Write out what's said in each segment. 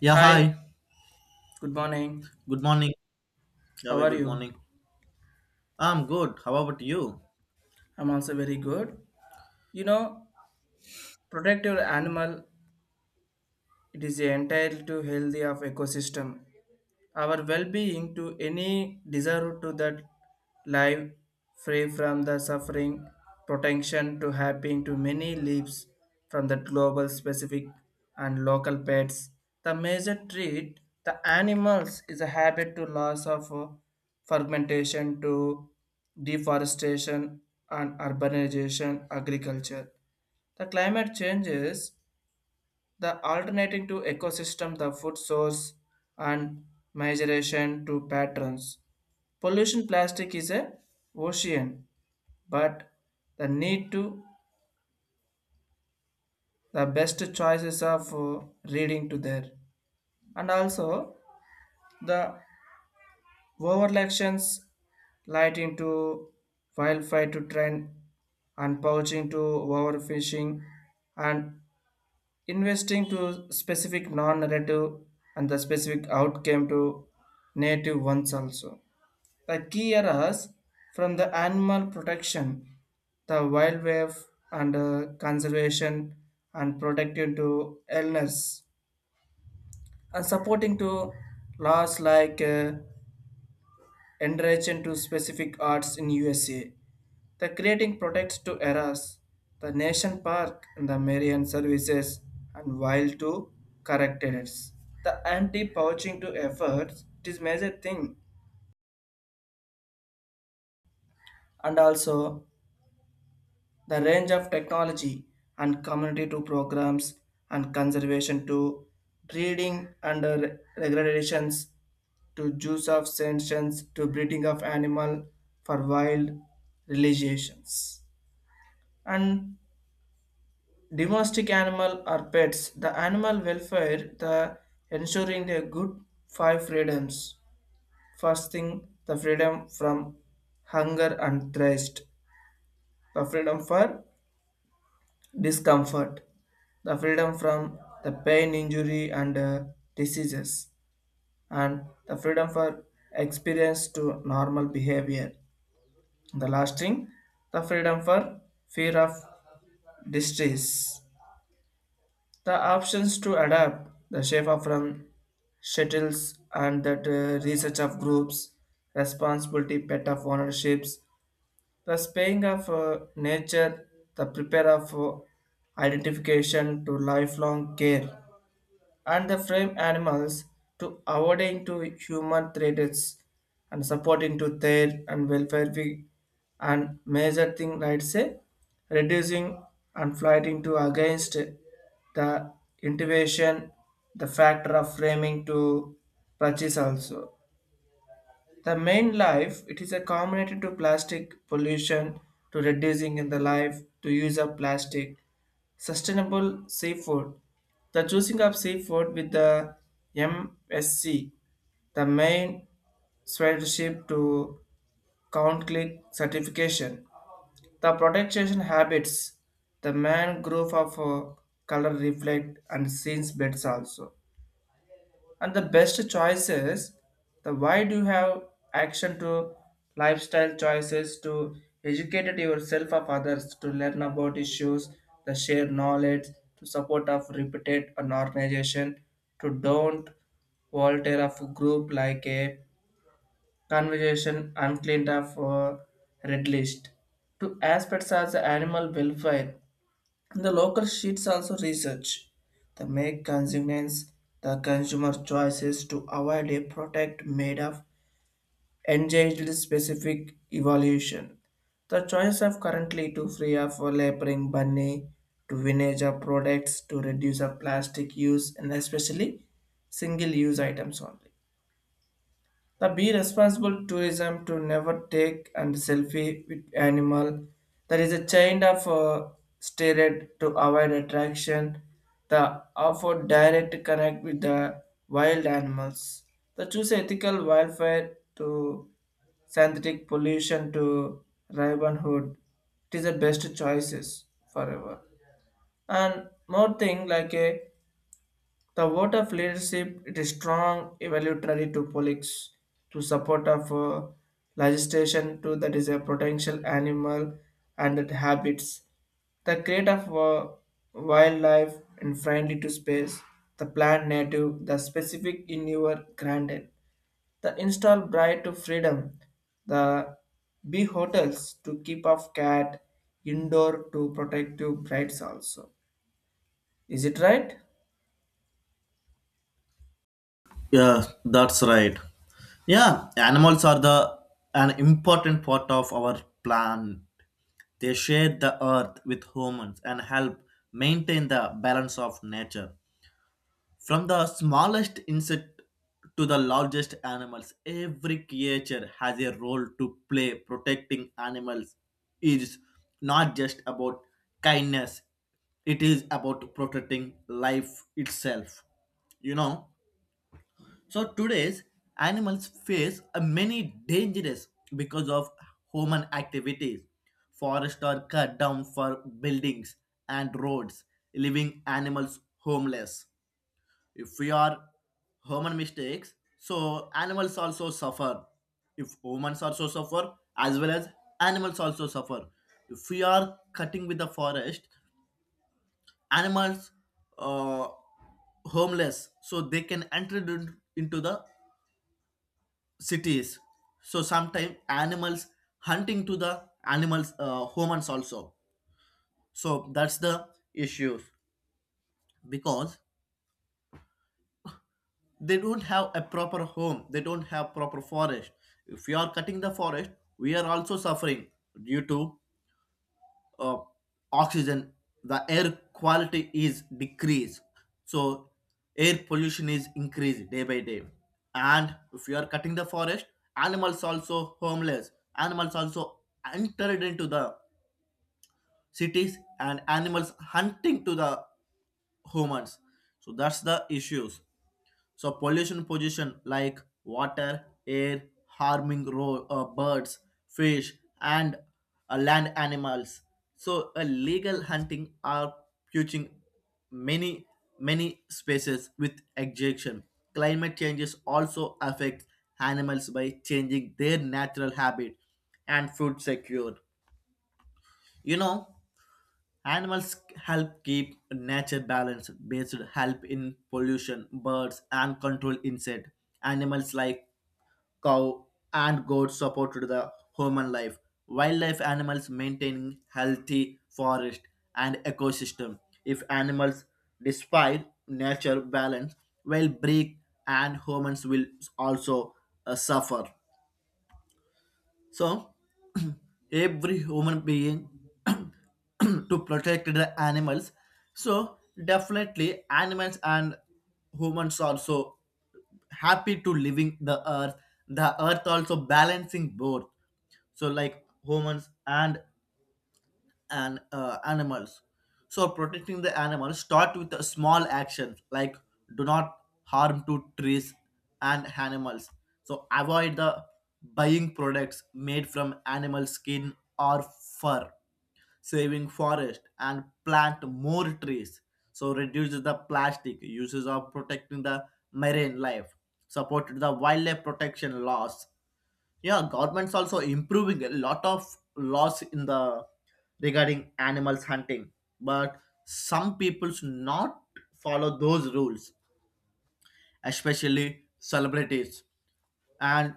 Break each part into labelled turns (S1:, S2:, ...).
S1: Yeah,
S2: Hi,
S1: hi.
S2: good morning.
S1: Good morning. Yeah,
S2: How
S1: very
S2: are
S1: good
S2: you?
S1: morning. I'm good. How about you?
S2: I'm also very good. You know, protect your animal. It is the entire to healthy of ecosystem. Our well-being to any desire to that life free from the suffering, protection to helping to many leaves from the global specific and local pets. The major treat the animals is a habit to loss of fragmentation to deforestation and urbanization agriculture. The climate changes the alternating to ecosystem, the food source and migration to patterns. Pollution plastic is a ocean, but the need to the best choices of reading to there. And also the overlections lighting to wildfire to trend and poaching to overfishing and investing to specific non-narrative and the specific outcome to native ones also. The key areas from the animal protection, the wildlife and conservation and protecting to illness and supporting to laws like in to specific arts in USA. The creating products to eras, the nation park and the Marian services and while to correctors. The anti-poaching to efforts it is major thing and also the range of technology and community to programs and conservation to breeding under regulations to use of sanctions to breeding of animal for wild religions. And domestic animal or pets, the animal welfare, the ensuring their good five freedoms. First thing, the freedom from hunger and thirst, the freedom for discomfort, the freedom from the pain injury and diseases, and the freedom for experience to normal behavior. The last thing, the freedom for fear of distress. The options to adapt the shape from shuttles and that research of groups, responsibility, pet of ownerships, the spaying of nature, the prepare of identification to lifelong care and the frame animals to avoiding to human threats and supporting to their and And major thing like say reducing and fighting to against the intuition, the factor of framing to purchase also. The main life, it is a combination to plastic pollution, to reducing in the life, to use of plastic, sustainable seafood. The choosing of seafood with the MSC, the main stewardship to count click certification. The protection habits, the mangrove of color reflect and scenes beds also. And the best choice is the why do you have action to lifestyle choices to educate yourself of others to learn about issues, the share knowledge, to support of reputed an organization, to don't volunteer of a group like a conversation uncleaned of red list. To aspects as animal welfare the local sheets also research the make consumers the consumer choices to avoid a product made of engaged specific evolution. The choice of currently to free of laboring bunny to vintage of products to reduce of plastic use and especially single use items only. The be responsible tourism to never take and selfie with animal. There is a chain of steered to avoid attraction. The offer direct connect with the wild animals. The choose ethical wildfire to synthetic pollution to Robin Hood. It is the best choices forever. And more thing like a the vote of leadership it is strong evaluatory to politics to support of legislation to that is a potential animal and its habits. The create of wildlife and friendly to space, the plant native, the specific in your granted. The install bright to freedom, the bee hotels to keep off cat, indoor to protective brights also. Is it right?
S1: Yeah, that's right. Yeah, animals are the an important part of our planet. They share the earth with humans and help maintain the balance of nature. From the smallest insect to the largest animals, every creature has a role to play. Protecting animals is not just about kindness, it is about protecting life itself. You know? So today's animals face a many dangers because of human activities. Forests are cut down for buildings and roads, leaving animals homeless if we are human mistakes, so animals also suffer. If humans also suffer, as well as animals also suffer. If we are cutting with the forest, animals uh, homeless, so they can enter into the cities. So sometimes animals hunting to the animals humans also. So that's the issues because they don't have a proper home, they don't have proper forest. If you are cutting the forest, we are also suffering due to uh, oxygen. The air quality is decreased, so air pollution is increased day by day. And if you are cutting the forest, animals also homeless, animals also entered into the cities and animals hunting to the humans. So that's the issues. So pollution like water, air, harming birds, fish, and land animals. So illegal hunting are poaching many many species with extinction. Climate changes also affect animals by changing their natural habit and food secure. You know, animals help keep nature balanced, based help in pollution, birds and control insect. Animals like cow and goat support to the human life. Wildlife animals maintaining healthy forest and ecosystem. If animals despite nature balance will break and humans will also suffer. So every human being to protect the animals. So definitely animals and humans also happy to living the earth. The earth also balancing both. So like humans and animals. So protecting the animals start with a small actions like do not harm to trees and animals. So avoid the buying products made from animal skin or fur, saving forest and plant more trees, so reduces the plastic uses of protecting the marine life, supported the wildlife protection laws. Yeah, government's also improving a lot of laws in the regarding animals hunting, but some people's not follow those rules, especially celebrities and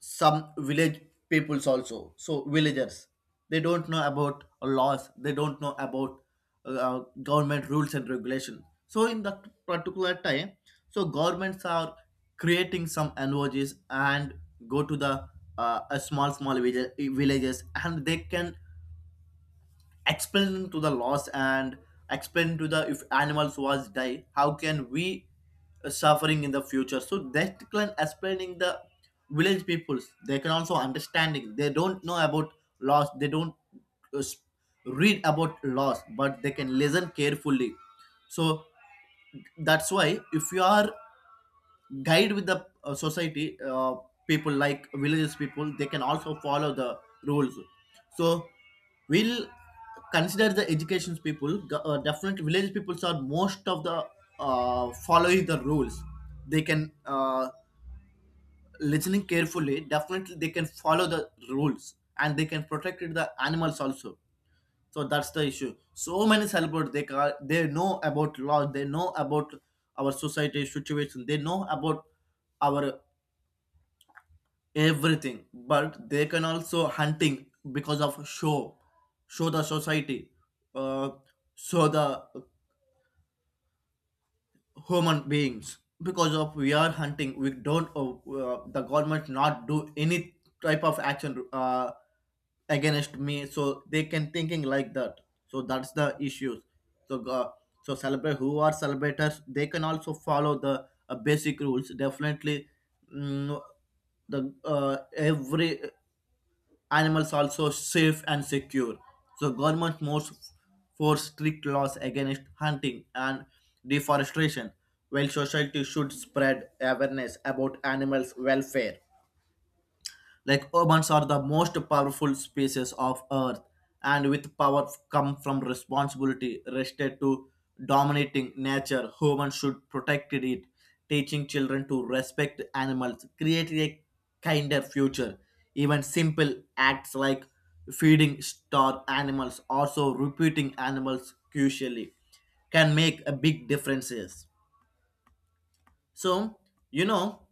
S1: some village peoples also. So villagers, they don't know about laws, they don't know about government rules and regulation. So in that particular time, so governments are creating some NGOs and go to the a small village, villages, and they can explain to the laws and explain to the if animals was die how can we suffering in the future. So that can explaining the village peoples, they can also understanding. They don't know about laws, they don't uh, s- read about laws, but they can listen carefully. So that's why if you are guide with the society, people like villages people, they can also follow the rules. So we'll consider the education people definitely village peoples are most of the following the rules. They can listening carefully, definitely they can follow the rules and they can protect the animals also. So that's the issue. So many celebrities they they know about law, they know about our society situation, they know about our everything, but they can also hunting because of show, show the society, uh, show the human beings because of we are hunting we don't the government not do any type of action against me. So they can thinking like that. So that's the issues. So so celebrate who are celebrators, they can also follow the basic rules. Definitely mm, the every animals also safe and secure. So government must force strict laws against hunting and deforestation, while society should spread awareness about animals' welfare. Like urbans are the most powerful species of earth, and with power come from responsibility rested to dominating nature. Humans should protect it, teaching children to respect animals, create a kinder future. Even simple acts like feeding star animals, also repeating animals crucially, can make a big differences. So you know,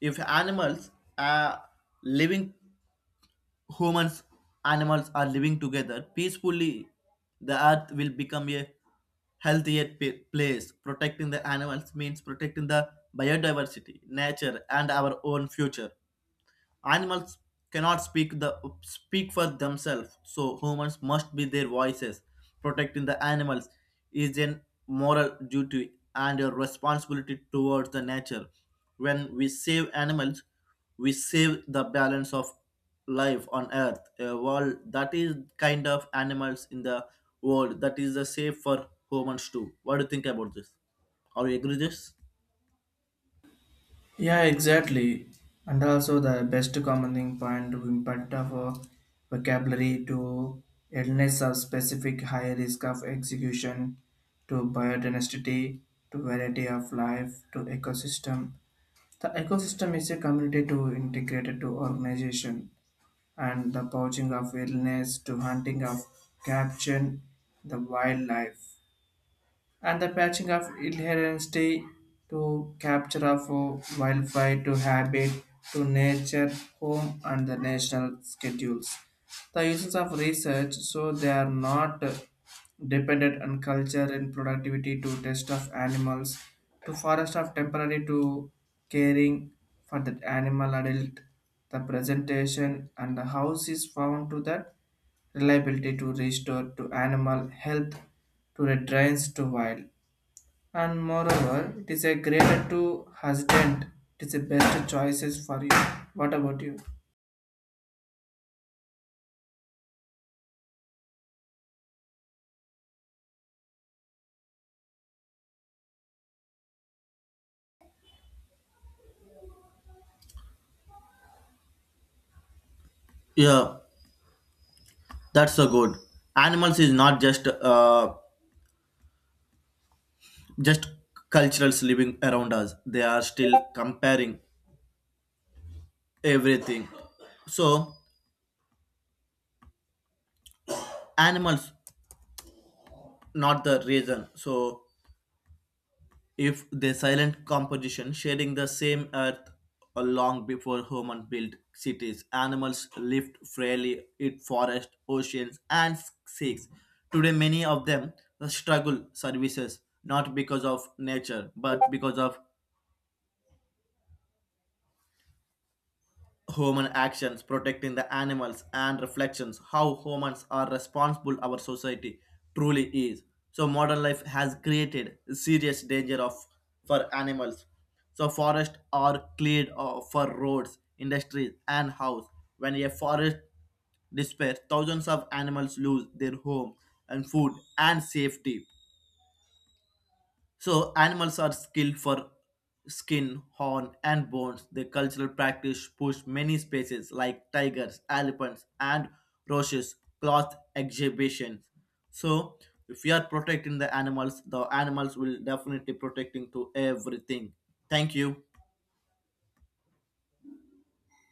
S1: if animals are living humans, animals are living together peacefully, the earth will become a healthier place. Protecting the animals means protecting the biodiversity, nature, and our own future. Animals cannot speak for themselves, so humans must be their voices. Protecting the animals is a moral duty and a responsibility towards the nature. When we save animals, we save the balance of life on earth. A world that is kind of animals in the world that is the safe for humans too. What do you think about this? Are you agree this?
S2: Yeah, exactly. And also the best commenting point to impact of vocabulary to illness of specific high risk of execution to biodiversity to variety of life to ecosystem. The ecosystem is a community to integrated to organization and the poaching of illness to hunting of capture the wildlife and the patching of inherency to capture of wildlife to habit to nature home and the national schedules the uses of research so they are not dependent on culture and productivity to test of animals to forest of temporary to caring for the animal adult, the presentation and the house is found to that reliability to restore to animal health to the drains to wild and moreover, it is a greater to husband. It is the best choices for you. What about you?
S1: Yeah, that's so good. Animals is not just cultures living around us, they are still comparing everything. So animals not the reason. So if they silent composition sharing the same earth, long before human built cities animals lived freely in forests, oceans and seas. Today many of them struggle services not because of nature but because of human actions. Protecting the animals and reflections how humans are responsible our society truly is. So modern life has created serious danger of for animals. So forests are cleared for roads, industries and house. When a forest despairs, thousands of animals lose their home and food and safety. So animals are skilled for skin, horn, and bones. The cultural practice pushed many species like tigers, elephants, and roaches, cloth exhibitions. So if we are protecting the animals will definitely protecting to everything. Thank you.